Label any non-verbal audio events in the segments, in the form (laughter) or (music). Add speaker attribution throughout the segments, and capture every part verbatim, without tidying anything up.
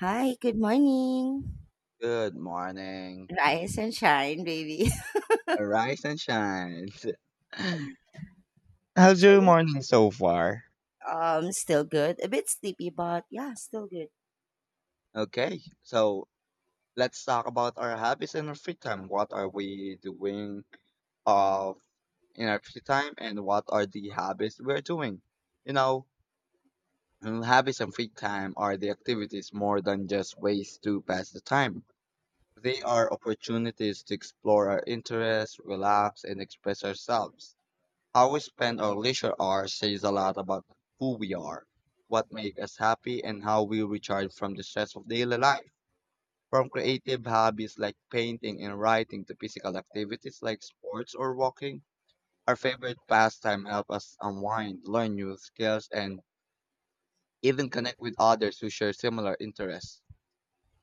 Speaker 1: Hi, good morning.
Speaker 2: Good morning.
Speaker 1: Rise and shine, baby. (laughs)
Speaker 2: Arise and shine. (laughs) How's
Speaker 1: so
Speaker 2: your
Speaker 1: yeah,
Speaker 2: morning so far?
Speaker 1: um, still good. A bit sleepy, but yeah, still good.
Speaker 2: Okay, so let's talk about our habits in our free time. What are we doing of in our free time and what are the habits we're doing? You know, mm, Habits and free time are the activities more than just ways to pass the time. They are opportunities to explore our interests, relax, and express ourselves. How we spend our leisure hours says a lot about who we are, what makes us happy, and how we recharge from the stress of daily life. From creative hobbies like painting and writing to physical activities like sports or walking, our favorite pastime help us unwind, learn new skills, and even connect with others who share similar interests.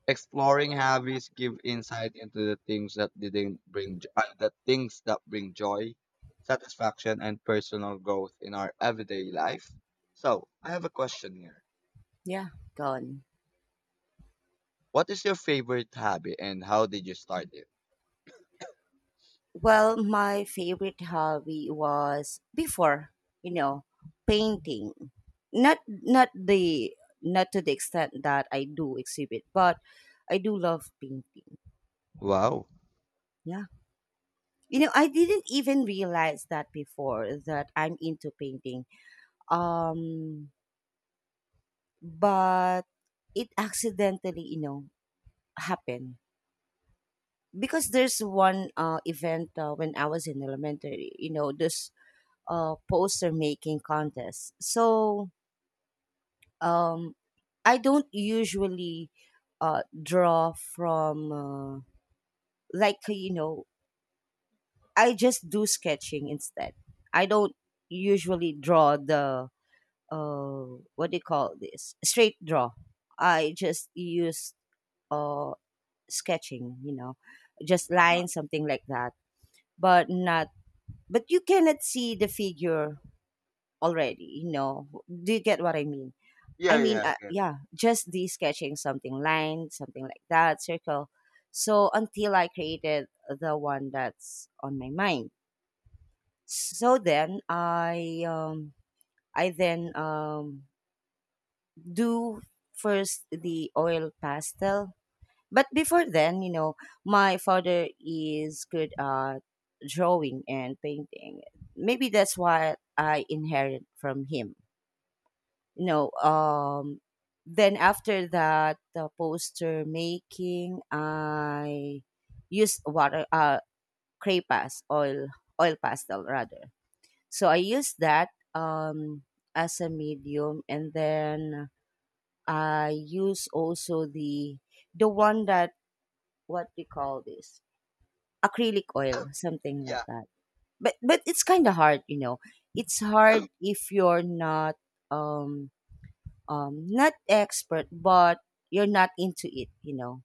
Speaker 2: Exploring hobbies give insight into the things that didn't bring jo- uh, the things that bring joy, satisfaction, and personal growth in our everyday life. So, I have a question here.
Speaker 1: Yeah, gone.
Speaker 2: What is your favorite hobby and how did you start it?
Speaker 1: Well, my favorite hobby was before, you know, painting. Not not the not to the extent that I do exhibit, but I do love painting.
Speaker 2: Wow.
Speaker 1: Yeah. You know, I didn't even realize that before that I'm into painting. Um but it accidentally you know happened because there's one uh, event uh, when I was in elementary, you know, this uh, poster making contest. so um I don't usually uh, draw from uh, like you know I just do sketching instead. I don't usually draw the uh, what do you call this, straight draw. I just use uh, sketching, you know, just
Speaker 2: Uh-huh.
Speaker 1: lines, something like that. But not, but you cannot see the figure already, you know. Do you get what I mean?
Speaker 2: Yeah,
Speaker 1: I mean,
Speaker 2: yeah, I
Speaker 1: uh,
Speaker 2: get it.
Speaker 1: yeah, just the sketching, something line, something like that, circle. So until I created the one that's on my mind. So then I, um, I then um, do first the oil pastel. But before then, you know, my father is good at drawing and painting. Maybe that's why I inherit from him. You know, um, then after that, the poster making, I used water, uh, clay pass, oil, oil pastel rather. So I used that um, as a medium, and then I use also the the one that, what we call this, acrylic oil,
Speaker 2: (coughs)
Speaker 1: something
Speaker 2: Yeah.
Speaker 1: like that. But but it's kind of hard, you know. It's hard if you're not um um not expert, but you're not into it, you know.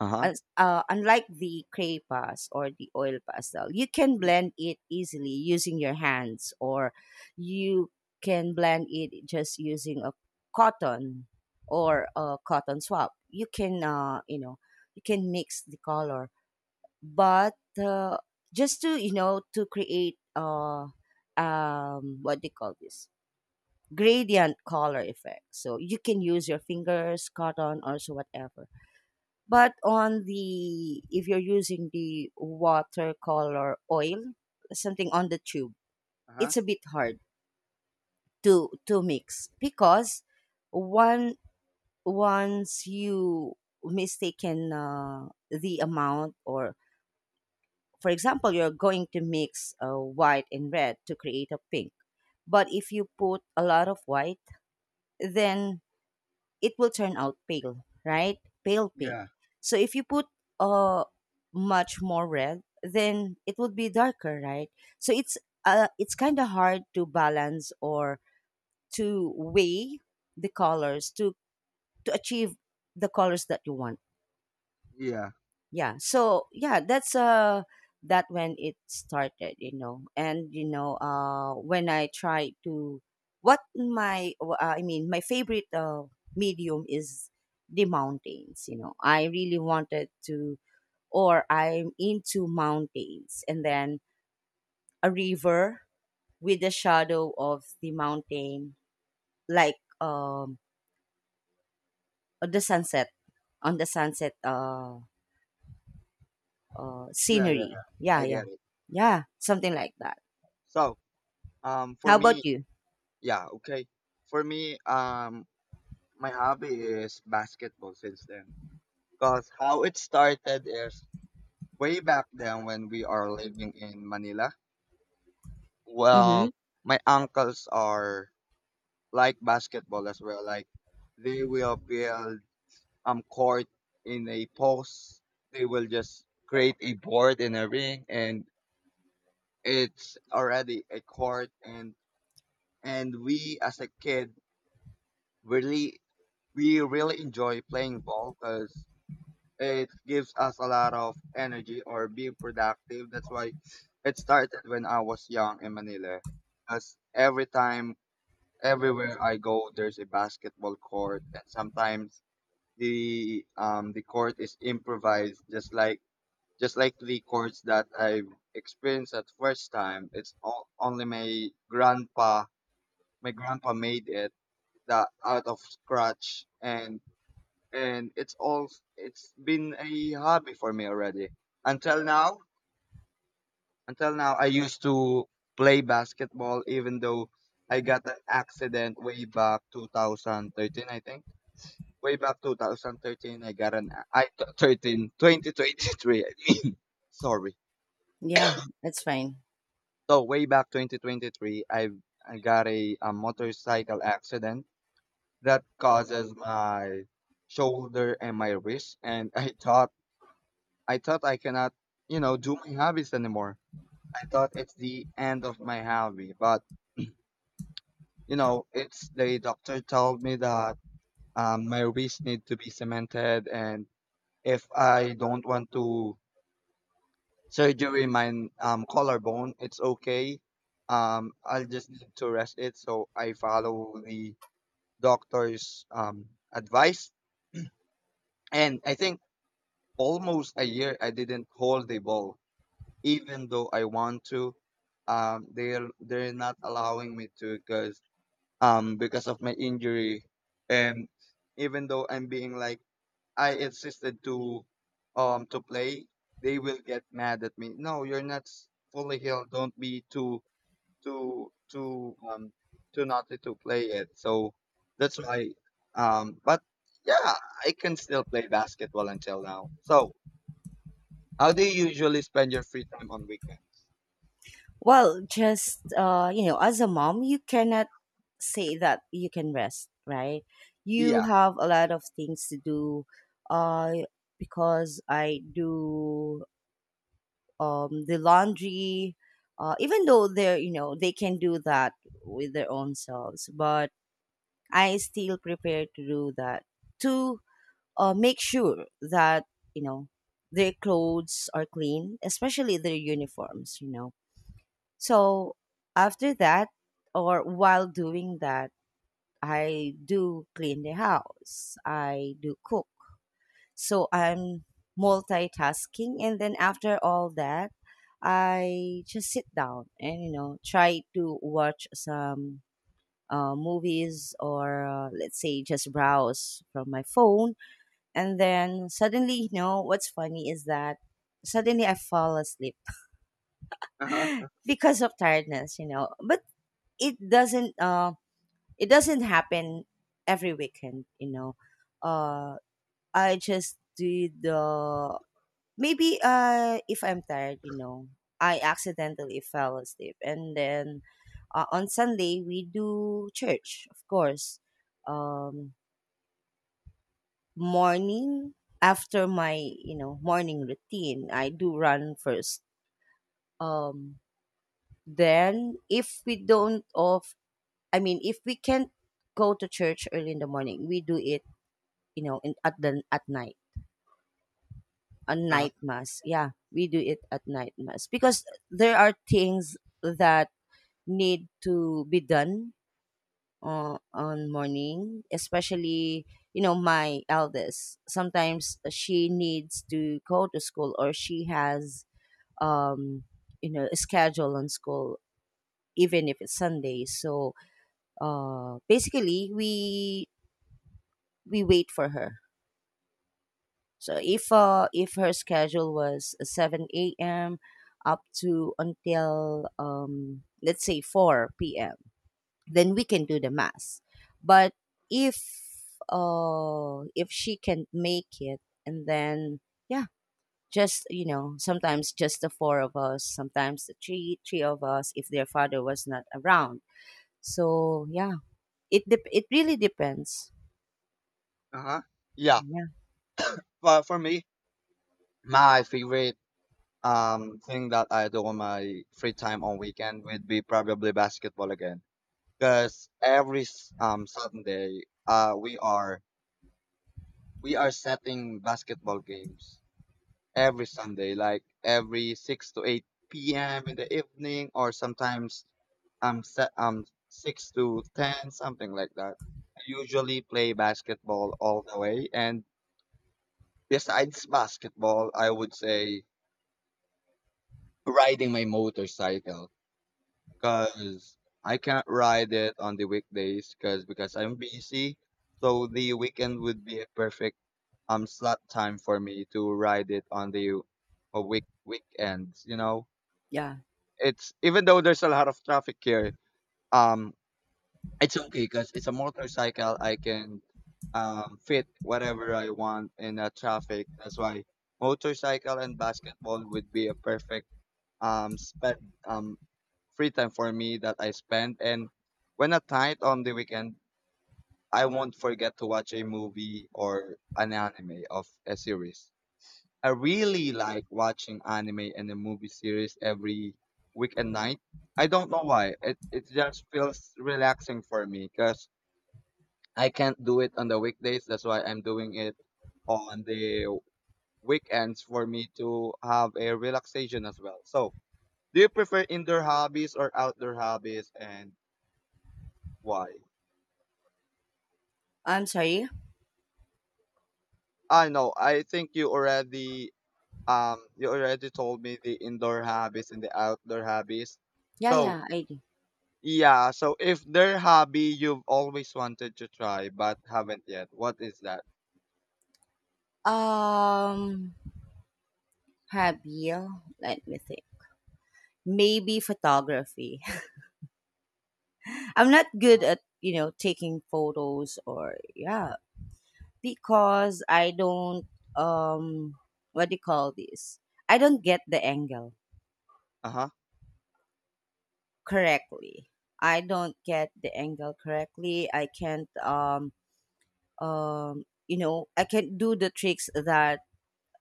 Speaker 2: Uh-huh.
Speaker 1: As, uh, unlike the crepas or the oil pastel, you can blend it easily using your hands, or you can blend it just using a cotton or a cotton swab. You can, uh, you know, you can mix the color, but uh, just, to you know, to create uh um what do you call this, gradient color effect. So you can use your fingers, cotton, or so, whatever. But on the, if you're using the watercolor oil, something on the tube,
Speaker 2: Uh-huh.
Speaker 1: it's a bit hard to to mix because one once you mistaken uh, the amount, or, for example, you're going to mix uh, white and red to create a pink. But if you put a lot of white, then it will turn out pale, right? Pale pink.
Speaker 2: Yeah.
Speaker 1: So if you put uh, much more red, then it would be darker, right? So it's uh, it's kind of hard to balance or to weigh the colors to to achieve the colors that you want.
Speaker 2: Yeah.
Speaker 1: yeah so yeah that's uh that when it started, you know. And you know, uh when I try to, what my uh, I mean my favorite uh, medium is the mountains, you know. I really wanted to, or I'm into mountains, and then a river with the shadow of the mountain, like um uh, the sunset, on the sunset, uh, uh
Speaker 2: Yeah, yeah.
Speaker 1: scenery.
Speaker 2: I
Speaker 1: Yeah, yeah,
Speaker 2: get it.
Speaker 1: yeah, something like that.
Speaker 2: So, um for
Speaker 1: How
Speaker 2: me,
Speaker 1: about you?
Speaker 2: yeah, okay. For me, um my hobby is basketball since then. Because how it started is way back then when we are living in Manila. Well,
Speaker 1: Mm-hmm.
Speaker 2: my uncles are like basketball as well. Like they will build um court in a post. They will just create a board in a ring, and it's already a court. And and we as a kid really we really enjoy playing ball because it gives us a lot of energy or being productive. That's why it started when I was young in Manila. Because every time, everywhere I go, there's a basketball court, and sometimes the um the court is improvised, just like just like the courts that I experienced at first time. It's all, only my grandpa, my grandpa made it that out of scratch, and and it's all it's been a hobby for me already. Until now, until now I used to play basketball even though I got an accident way back twenty thirteen, I think. Way back 2013 I got an a- I t- 13 twenty twenty-three, I mean. (laughs) Sorry.
Speaker 1: Yeah, that's fine.
Speaker 2: So way back twenty twenty-three, I I got a, a motorcycle accident that causes my shoulder and my wrist, and I (laughs) thought I thought I cannot, you know, do my hobbies anymore. I thought it's the end of my hobby, but you know, it's the doctor told me that um, my wrist need to be cemented, and if I don't want to surgery my um, collarbone, it's okay. Um, I'll just need to rest it. So I follow the doctor's um, advice, and I think almost a year I didn't hold the ball, even though I want to. Um, they're they're not allowing me to because um because of my injury, and even though I'm being like, I insisted to um to play, they will get mad at me. No, you're not s- fully healed. Don't be too too too um too naughty to play it. So that's why, um but yeah, I can still play basketball until now. So how do you usually spend your free time on weekends?
Speaker 1: Well, just uh, you know, as a mom, you cannot say that you can rest, right? You
Speaker 2: Yeah.
Speaker 1: have a lot of things to do. Uh, because I do um the laundry. Uh, even though they're, you know, they can do that with their own selves, but I still prepare to do that too, uh, make sure that, you know, their clothes are clean, especially their uniforms. You know, so after that, or while doing that, I do clean the house. I do cook. So I'm multitasking, and then after all that, I just sit down and, you know, try to watch some uh, movies, or uh, let's say just browse from my phone, and then suddenly, you know, what's funny is that suddenly I fall asleep (laughs)
Speaker 2: Uh-huh,
Speaker 1: because of tiredness, you know. But it doesn't uh it doesn't happen every weekend, you know. Uh, I just do the maybe, uh if I'm tired, you know, I accidentally fell asleep, and then uh, on Sunday we do church, of course. Um morning, after my, you know, morning routine, I do run first. um then if we don't off, I mean, if we can't go to church early in the morning, we do it, you know, in, at the, at night, a
Speaker 2: uh-huh,
Speaker 1: night mass. Yeah, we do it at night mass because there are things that need to be done uh, on morning, especially, you know, my eldest. Sometimes she needs to go to school, or she has um, you know, a schedule on school, even if it's Sunday. So, uh, basically, we we wait for her. So if,
Speaker 2: uh-huh.
Speaker 1: uh, if her schedule was seven a m up to until, um, let's say four p m., then we can do the mass. But if, uh if she can make it, and then yeah, just, you know, sometimes just the four of us, sometimes the three three of us, if their father was not around. So yeah, it dep it really depends.
Speaker 2: Uh-huh. Yeah,
Speaker 1: Yeah.
Speaker 2: but for me, my favorite um thing that I do on my free time on weekend would be probably basketball again. Because every s- um Sunday, uh, we are we are setting basketball games every Sunday, like every six to eight p m in the evening, or sometimes um set um six to ten, something like that. I usually play basketball all the way, and besides basketball, I would say riding my motorcycle because I can't ride it on the weekdays because because I'm busy. So the weekend would be a perfect um slot time for me to ride it on the uh, week weekends. You know,
Speaker 1: Yeah.
Speaker 2: it's even though there's a lot of traffic here, um, it's okay because it's a motorcycle. I can um fit whatever I want in a traffic. That's why motorcycle and basketball would be a perfect um spend um free time for me that I spend, and when at night on the weekend I won't forget to watch a movie or an anime of a series. I really like watching anime and a movie series every weekend night. I don't know why. It it just feels relaxing for me because I can't do it on the weekdays. That's why I'm doing it on the weekends for me to have a relaxation as well. So do you prefer indoor hobbies or outdoor hobbies, and why?
Speaker 1: I'm sorry.
Speaker 2: I know, I think you already um you already told me the indoor hobbies and the outdoor hobbies.
Speaker 1: Yeah,
Speaker 2: So,
Speaker 1: yeah, I do.
Speaker 2: yeah, so if their hobby you've always wanted to try but haven't yet, what is that?
Speaker 1: Um hobby, let me think. Maybe photography. (laughs) I'm not good
Speaker 2: Uh-huh.
Speaker 1: at, you know, taking photos, or yeah, because I don't um what do you call this? I don't get the angle
Speaker 2: Uh-huh.
Speaker 1: correctly. I don't get the angle correctly. I can't um um you know, I can't do the tricks that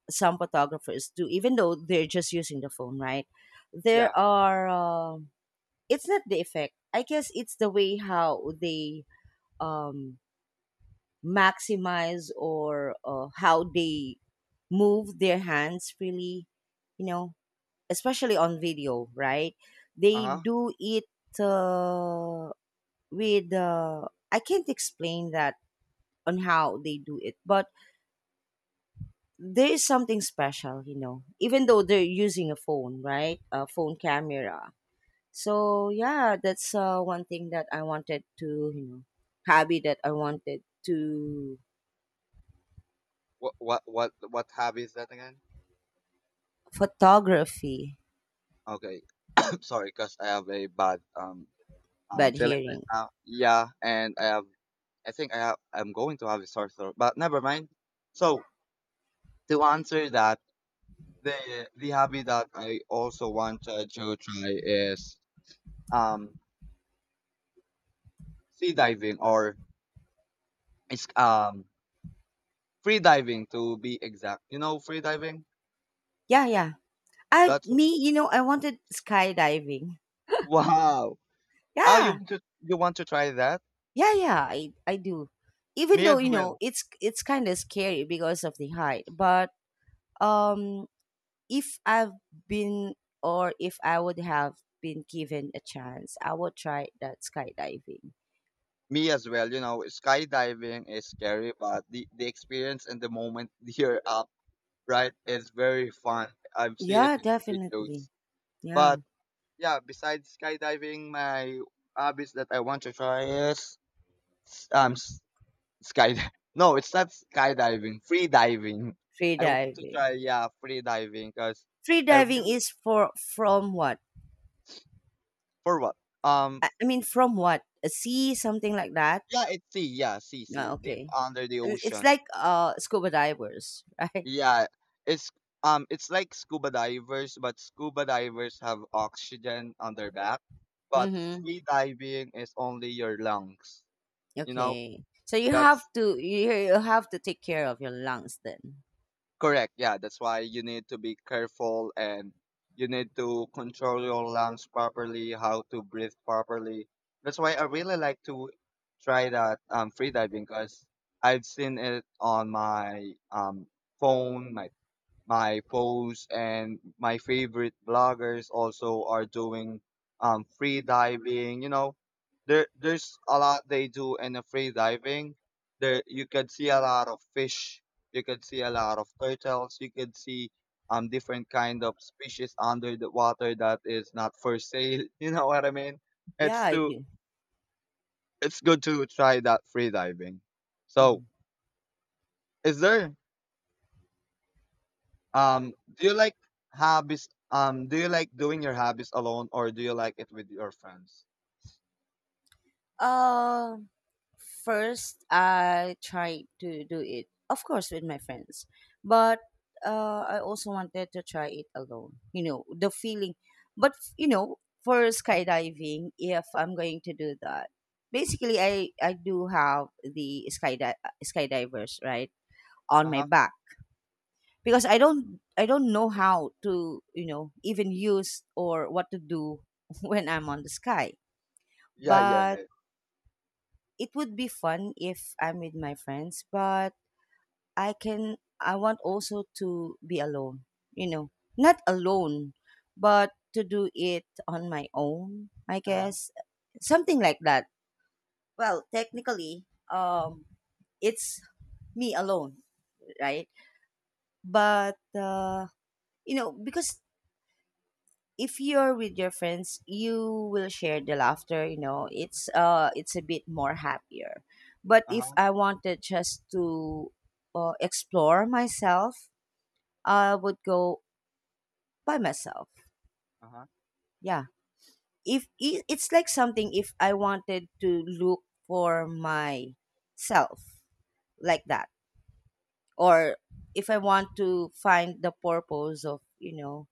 Speaker 1: some photographers do, even though they're just using the phone, right?
Speaker 2: Yeah.
Speaker 1: There are um it's not the effect. I guess it's the way how they um maximize, or uh, how they move their hands freely, you know, especially on video, right? They
Speaker 2: Uh-huh.
Speaker 1: do it uh, with uh, I can't explain that on how they do it, but there is something special, you know, even though they're using a phone, right, a phone camera. So yeah that's uh, one thing that I wanted to, you know, hobby that I wanted to,
Speaker 2: What what what what hobby is that again?
Speaker 1: photography.
Speaker 2: Okay. (coughs) Sorry, cuz I have a bad um I'm
Speaker 1: Bad
Speaker 2: feeling right
Speaker 1: hearing.
Speaker 2: now. Yeah, and I have, I think I have, I'm going to have a sore throat, but never mind. So to answer that, the the hobby that I also wanted to try is um sea diving, or it's um free diving, to be exact. You know free diving?
Speaker 1: Yeah, yeah. I
Speaker 2: That's
Speaker 1: me, you know, I wanted skydiving.
Speaker 2: (laughs) wow. Oh, you
Speaker 1: Yeah,
Speaker 2: want to you want to try that?
Speaker 1: yeah, yeah. I I do. Even
Speaker 2: Me
Speaker 1: though,
Speaker 2: as
Speaker 1: you know,
Speaker 2: well.
Speaker 1: it's it's kind of scary because of the height, but um, if I've been, or if I would have been given a chance, I would try that skydiving.
Speaker 2: Me as well. You know, skydiving is scary, but the the experience and the moment (laughs) you're up, right? It's very fun. I've seen it
Speaker 1: Yeah,
Speaker 2: in
Speaker 1: definitely.
Speaker 2: videos.
Speaker 1: Yeah,
Speaker 2: But yeah, besides skydiving, my hobbies that I want to try is um s- sky. (laughs) No, it's not skydiving. Free diving.
Speaker 1: free
Speaker 2: I want to try,
Speaker 1: diving.
Speaker 2: yeah, free diving because
Speaker 1: Free
Speaker 2: I
Speaker 1: diving
Speaker 2: really.
Speaker 1: is for from what?
Speaker 2: For what? um
Speaker 1: I I mean, from what? A sea, something like that.
Speaker 2: yeah, it's sea. Yeah, sea
Speaker 1: Ah,
Speaker 2: sea deep
Speaker 1: okay.
Speaker 2: under the
Speaker 1: I- It's
Speaker 2: ocean.
Speaker 1: like uh scuba divers, (laughs) right?
Speaker 2: Yeah, it's um it's like scuba divers, but scuba divers have oxygen on their back, but
Speaker 1: Mhm.
Speaker 2: free diving is only your lungs. You know,
Speaker 1: Okay. So you have
Speaker 2: that's
Speaker 1: to, you you have to take care of your lungs, then.
Speaker 2: correct. Yeah, that's why you need to be careful, and you need to control your lungs properly, how to breathe properly. That's why I really like to try that um free diving because I've seen it on my um phone, my my posts, and my favorite bloggers also are doing um, free diving. You know, there there's a lot they do in the free diving. There you could see a lot of fish, you could see a lot of turtles, you could see um different kind of species under the water that is not for sale. (laughs) You know what I mean?
Speaker 1: Yeah,
Speaker 2: it's
Speaker 1: I
Speaker 2: to
Speaker 1: do.
Speaker 2: it's good to try that free diving. So
Speaker 1: Mhm.
Speaker 2: is there Um, do you like hobbies? Um, do you like doing your hobbies alone, or do you like it with your friends?
Speaker 1: Uh, first I tried to do it, of course, with my friends, but uh, I also wanted to try it alone. You know, the feeling. But you know, for skydiving, if I'm going to do that, basically, I I do have the skydi- uh, skydivers right on my
Speaker 2: Uh-huh.
Speaker 1: back, because I don't I don't know how to, you know, even use, or what to do (laughs) when I'm on the sky,
Speaker 2: Yeah, yeah,
Speaker 1: but.
Speaker 2: yeah.
Speaker 1: It would be fun if I'm with my friends, but I can I want also to be alone, you know. Not alone, but to do it on my own, I
Speaker 2: Uh-huh.
Speaker 1: guess. Something like that. Well, technically, um it's me alone, right? But uh you know, because if you're with your friends, you will share the laughter, you know. It's uh it's a bit more happier. But if
Speaker 2: Uh-huh.
Speaker 1: I wanted just to uh, explore myself, I would go by myself.
Speaker 2: Uh-huh.
Speaker 1: Yeah. If I- it's like something, if I wanted to look for myself, like that, or if I want to find the purpose of, you know,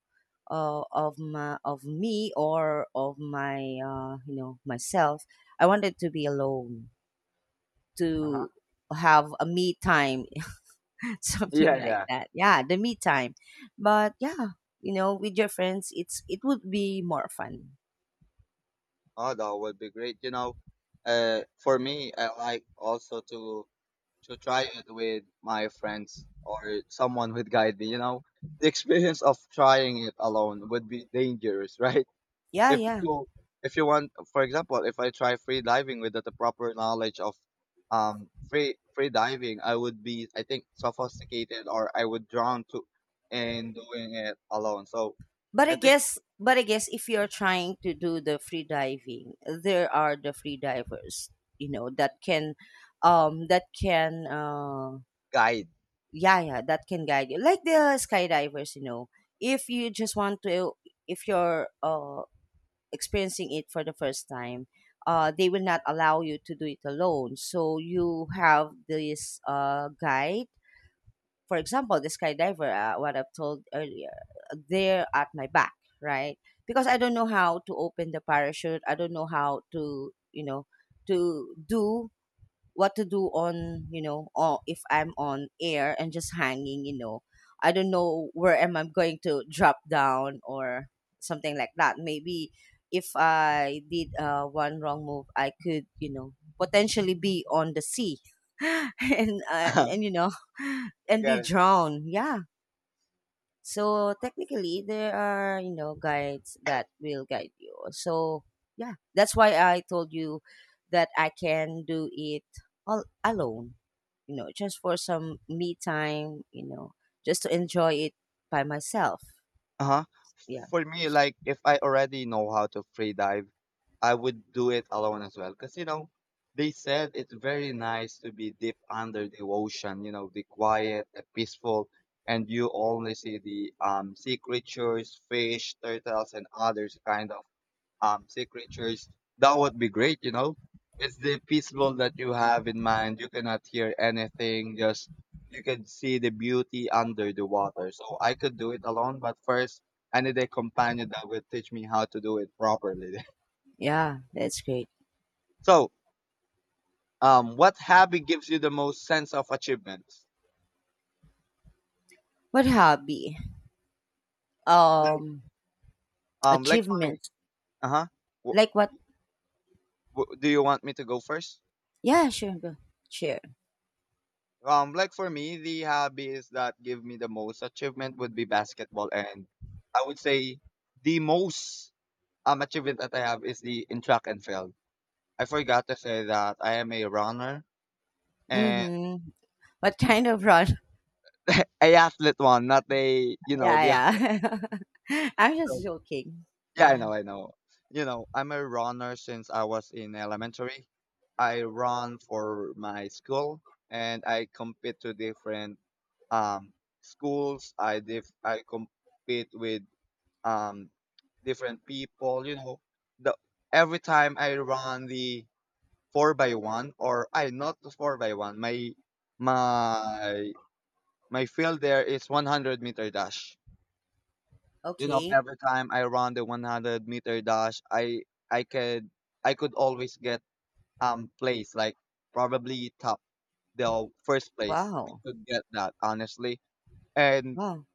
Speaker 1: uh, of my of me, or of my, uh, you know, myself, I wanted to be alone
Speaker 2: Uh-huh.
Speaker 1: to have a me time (laughs)
Speaker 2: Yeah,
Speaker 1: something like
Speaker 2: yeah.
Speaker 1: that. Yeah, the me time. But yeah, you know, with your friends, it's it would be more fun.
Speaker 2: Oh, that would be great. You know, uh, for me, I like also to to try it with my friends, or someone would guide me. You know, the experience of trying it alone would be dangerous, (laughs) right?
Speaker 1: Yeah,
Speaker 2: if
Speaker 1: yeah.
Speaker 2: you if you want, for example, if I try free diving without the proper knowledge of um free free diving, I would be, I think, sophisticated, or I would drown to in doing it alone. So
Speaker 1: But I
Speaker 2: I think
Speaker 1: guess, but I guess, if you're trying to do the free diving, there are the free divers, you know, that can, um, that can, uh,
Speaker 2: guide.
Speaker 1: yeah, yeah, that can guide you, like the skydivers, you know. If you just want to, if you're, uh experiencing it for the first time, uh, they will not allow you to do it alone. So you have this uh guide, for example, the skydiver, uh, what I've told earlier, they're at my back, right? Because I don't know how to open the parachute. I don't know how to, you know, to do, what to do on, you know, or if I'm on air and just hanging, you know, I don't know where am I going to drop down, or something like that. Maybe if I did, uh, one wrong move, I could, you know, potentially be on the sea (laughs) and, uh,
Speaker 2: (laughs) I
Speaker 1: and, you know, and
Speaker 2: got
Speaker 1: be
Speaker 2: it.
Speaker 1: drowned. Yeah. So technically, there are, you know, guides that will guide you. So yeah, that's why I told you that I can do it all alone. You know, just for some me time. You know, just to enjoy it by myself.
Speaker 2: Uh-huh.
Speaker 1: Yeah,
Speaker 2: For me, like if I already know how to free dive, I would do it alone as well. Cause you know, they said it's very nice to be deep under the ocean, you know, the quiet, the peaceful, and you only see the um sea creatures, fish, turtles, and others kind of um sea creatures. That would be great, you know. It's the peaceful that you have in mind. You cannot hear anything, just you can see the beauty under the water. So I could do it alone, but first I need a companion that will teach me how to do it properly.
Speaker 1: yeah, that's great.
Speaker 2: (laughs) So um what hobby gives you the most sense of achievement?
Speaker 1: What hobby?
Speaker 2: Like
Speaker 1: Um,
Speaker 2: um like for me,
Speaker 1: Achievements
Speaker 2: uh-huh. W-
Speaker 1: like what?
Speaker 2: w- do you want me to go first?
Speaker 1: Yeah, sure, go share.
Speaker 2: Um, like for me, the hobbies that give me the most achievement would be basketball, and I would say the most um achievement that I have is the in track and field. I forgot to say that I am a runner and
Speaker 1: Mm-hmm. What kind of run? (laughs)
Speaker 2: a athlete one, not a, you know,
Speaker 1: Yeah,
Speaker 2: the other.
Speaker 1: yeah. (laughs) I'm
Speaker 2: So,
Speaker 1: just joking.
Speaker 2: yeah, I
Speaker 1: Yeah.
Speaker 2: know, I know. You know, I'm a runner since I was in elementary. I run for my school and I compete to different um schools. I dif- I compete with um different people you know the every time I run the four by one, or I not the four by one, my my my field, there is one hundred meter dash. You know,
Speaker 1: Okay.
Speaker 2: every time I run the one hundred meter dash, i i could I could always get um place, like probably top, the first place, I
Speaker 1: Wow.
Speaker 2: could get that honestly. And
Speaker 1: Wow.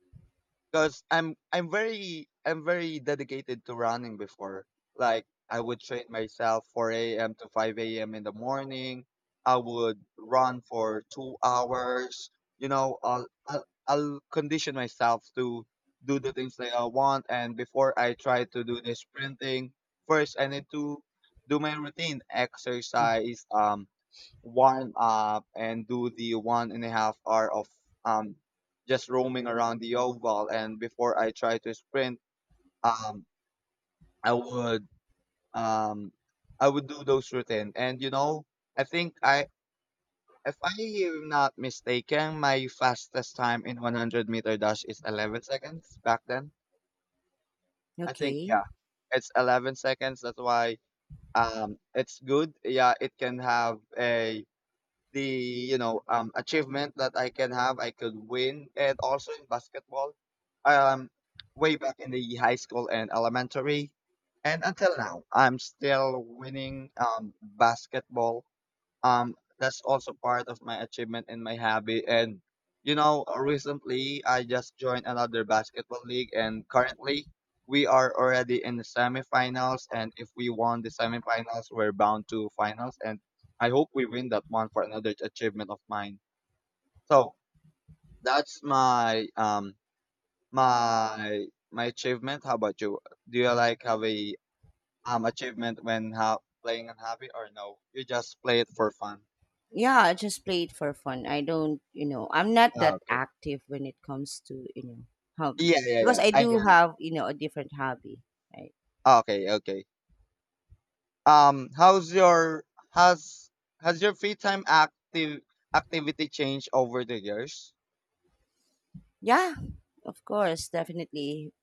Speaker 2: because I'm I'm very I'm very dedicated to running before. Like I would train myself four a m to five a m in the morning. I would run for two hours. You know, I'll, I'll I'll condition myself to do the things that I want. And before I try to do the sprinting, first I need to do my routine
Speaker 1: Mm,
Speaker 2: exercise. Um, warm up and do the one and a half hour of um just roaming around the oval. And before I try to sprint, um I would um I would do those routine. And you know, I think I, if I am not mistaken, my fastest time in one hundred meter dash is eleven seconds back then. I think,
Speaker 1: okay.
Speaker 2: yeah, it's eleven seconds. That's why, um it's good, yeah, it can have a, the you know, um, achievement that I can have. I could win. And also in basketball, um, way back in the high school and elementary, and until now, I'm still winning, um, basketball, um that's also part of my achievement and my hobby. And you know, recently I just joined another basketball league, and currently we are already in the semifinals, and if we won the semifinals we're bound to finals, and I hope we win that one for another achievement of mine. So that's my, um my my achievement. How about you? Do you like have a, um achievement when ha- playing a hobby, or no you just play it for fun?
Speaker 1: Yeah, I just play it for fun. I don't, you know, I'm not
Speaker 2: Uh,
Speaker 1: that active when it comes to, you know, hobby.
Speaker 2: Yeah, yeah,
Speaker 1: Because
Speaker 2: yeah.
Speaker 1: I
Speaker 2: I get
Speaker 1: do
Speaker 2: it.
Speaker 1: have, you know, a different hobby, right?
Speaker 2: Ah, okay, okay. Um, how's your, has has your free time active activity changed over the years?
Speaker 1: Yeah, of course, definitely.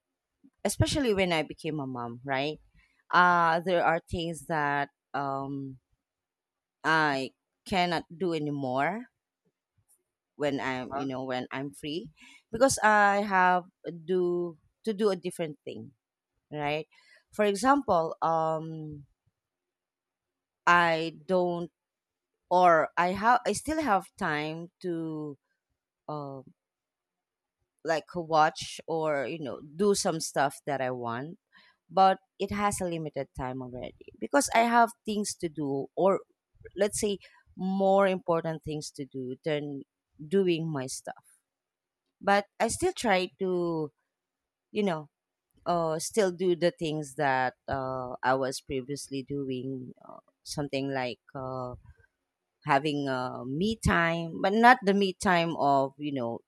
Speaker 1: Especially when I became a mom, right? Uh there are things that um I cannot do anymore when I'm, you
Speaker 2: Uh-huh.
Speaker 1: know, when I'm free because I have do to do a different thing, right? For example, um, I don't, or I have, I still have time to, uh, like watch or you know do some stuff that I want, but it has a limited time already because I have things to do, or let's say more important things to do than doing my stuff. But I still try to, you know, uh, still do the things that uh, I was previously doing. Uh, something like uh, having uh, me time, but not the me time of you know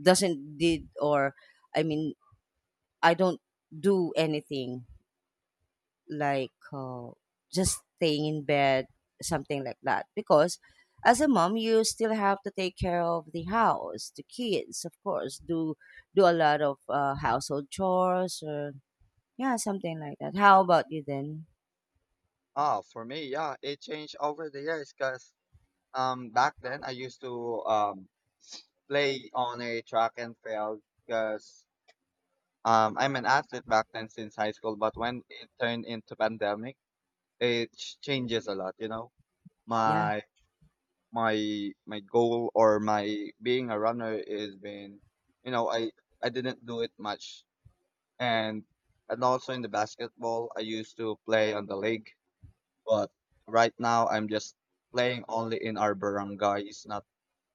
Speaker 1: doesn't did or I mean I don't do anything like uh, just staying in bed, something like that. Because as a mom, you still have to take care of the house, the kids, of course, do do a lot of uh, household chores or yeah, something like that. How about you then?
Speaker 2: Oh, for me, yeah, it changed over the years, because um back then I used to um play on a track and field, because um I'm an athlete back then since high school. But when it turned into pandemic, it ch- changes a lot, you know.
Speaker 1: Yeah,
Speaker 2: My my my goal, or my being a runner, is been, you know, i I didn't do it much. and and also in the basketball, I used to play on the league, but right now I'm just playing only in our barangays. not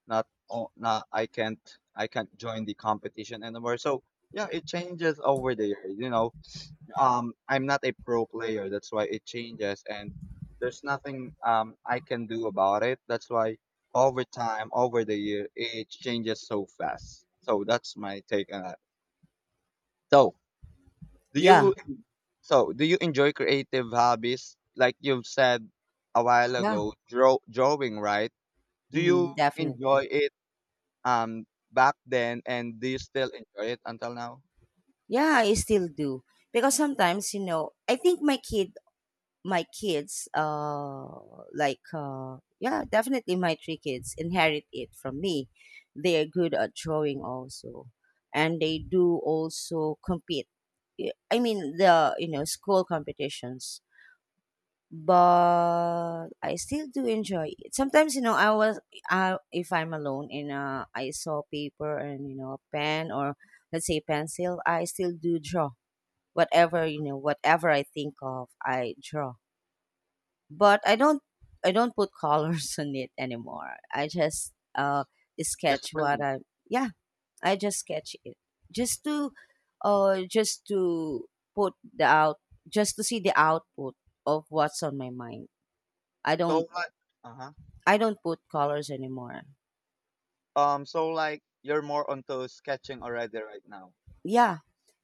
Speaker 2: Not o- not, I can't, I can't join the competition anymore. So yeah, it changes over the years, you know. um I'm not a pro player. That's why it changes, and there's nothing um I can do about it. That's why over time, over the year, it changes so fast. So that's my take on that. So do you,
Speaker 1: yeah,
Speaker 2: so do you enjoy creative hobbies? Like you've said a while
Speaker 1: yeah,
Speaker 2: ago, draw, drawing, right? Do you
Speaker 1: mm-hmm, definitely.
Speaker 2: enjoy it, um back then, and do you still enjoy it until now?
Speaker 1: Yeah, I still do. Because sometimes, you know, I think my kid my kids uh like uh yeah, definitely my three kids inherit it from me. They are good at drawing also. And they do also compete. Y- I mean the you know, school competitions. But I still do enjoy it. Sometimes, you know, I was I, if I'm alone and uh, I saw paper and you know a pen or let's say pencil, I still do draw whatever you know whatever I think of I draw but i don't I don't put colors (laughs) on it anymore I just uh sketch
Speaker 2: Just
Speaker 1: what
Speaker 2: playing.
Speaker 1: i Yeah, i just sketch it just to uh just to put the out just to see the output of what's on my mind. i
Speaker 2: So
Speaker 1: don't
Speaker 2: what? Uh-huh.
Speaker 1: I don't put colors anymore.
Speaker 2: Um, so like you're more onto sketching already right now.
Speaker 1: Yeah,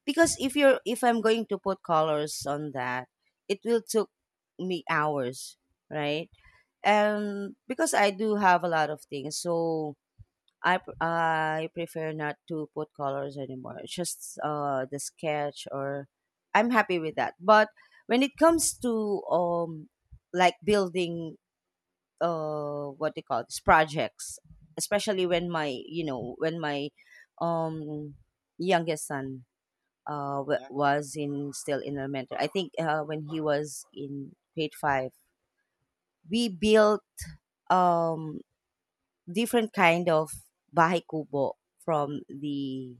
Speaker 1: because if you're if I'm going to put colors on that it will took me hours, right? And because I do have a lot of things, so I pr- I prefer not to put colors anymore. It's just uh the sketch, or I'm happy with that. But when it comes to um like building uh what they call these projects, especially when my you know when my um youngest son uh w-
Speaker 2: Okay.
Speaker 1: was in still in elementary. I think uh when he was in grade five, we built um different kind of bahay kubo from the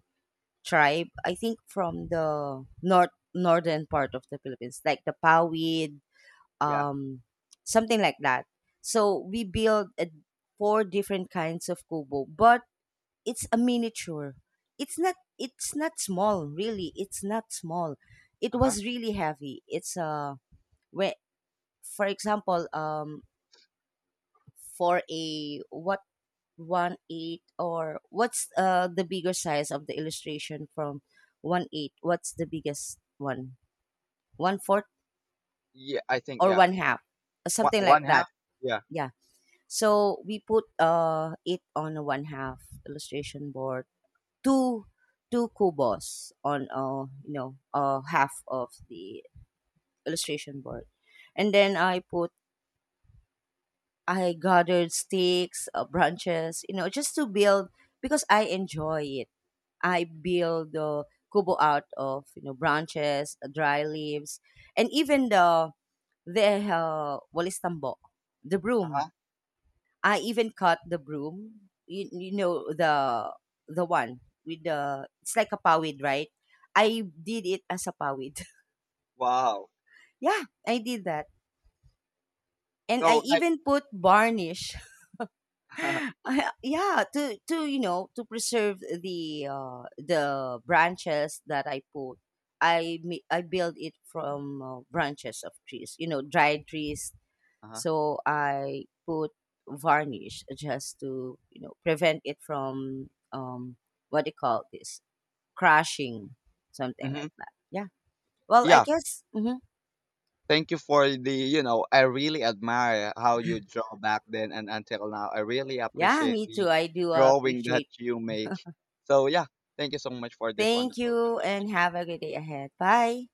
Speaker 1: tribe. I think from the north northern part of the Philippines, like the Pawid,
Speaker 2: Yeah.
Speaker 1: um, something like that. So we build a four different kinds of kubo, but it's a miniature. It's not. It's not small, really. It's not small. It
Speaker 2: Uh huh.
Speaker 1: was really heavy. It's a uh, whe- for example, um, for a what one eighth or what's uh the bigger size of the illustration from one eighth? What's the biggest one? One fourth
Speaker 2: Yeah, I think,
Speaker 1: or
Speaker 2: yeah.
Speaker 1: one half? Uh,
Speaker 2: One
Speaker 1: Something like
Speaker 2: one half.
Speaker 1: that.
Speaker 2: Yeah.
Speaker 1: Yeah. So we put uh it on a one half illustration board. Two Two cubos on uh you know uh half of the illustration board. And then I put I gathered sticks, uh, branches, you know, just to build, because I enjoy it. I build the kubo out of you know branches, dry leaves, and even the the uh, walis tambo, the
Speaker 2: Uh
Speaker 1: broom.
Speaker 2: huh.
Speaker 1: I even cut the broom. You, you know the the one with the, it's like a pawid, right? I did it as a pawid.
Speaker 2: Wow.
Speaker 1: (laughs) Yeah, I did that, and I
Speaker 2: So like.
Speaker 1: even put varnish.
Speaker 2: (laughs) uh
Speaker 1: I- yeah, to to you know to preserve the uh the branches that i put i mi- I build it from uh, branches of trees, you know, dried trees.
Speaker 2: huh.
Speaker 1: So I put varnish just to you know prevent it from um what do you call this, crashing, something like
Speaker 2: Mm-hmm.
Speaker 1: that. Yeah, well I
Speaker 2: Yeah.
Speaker 1: guess mhm.
Speaker 2: Thank you for the, you know, I really admire how you draw back then and until now. I really
Speaker 1: Yeah,
Speaker 2: appreciate
Speaker 1: me
Speaker 2: the
Speaker 1: too, I do
Speaker 2: drawing that
Speaker 1: appreciate.
Speaker 2: you make. So yeah. Thank you so much for this
Speaker 1: Thank
Speaker 2: wonderful
Speaker 1: you
Speaker 2: conversation.
Speaker 1: and have a good day ahead, bye.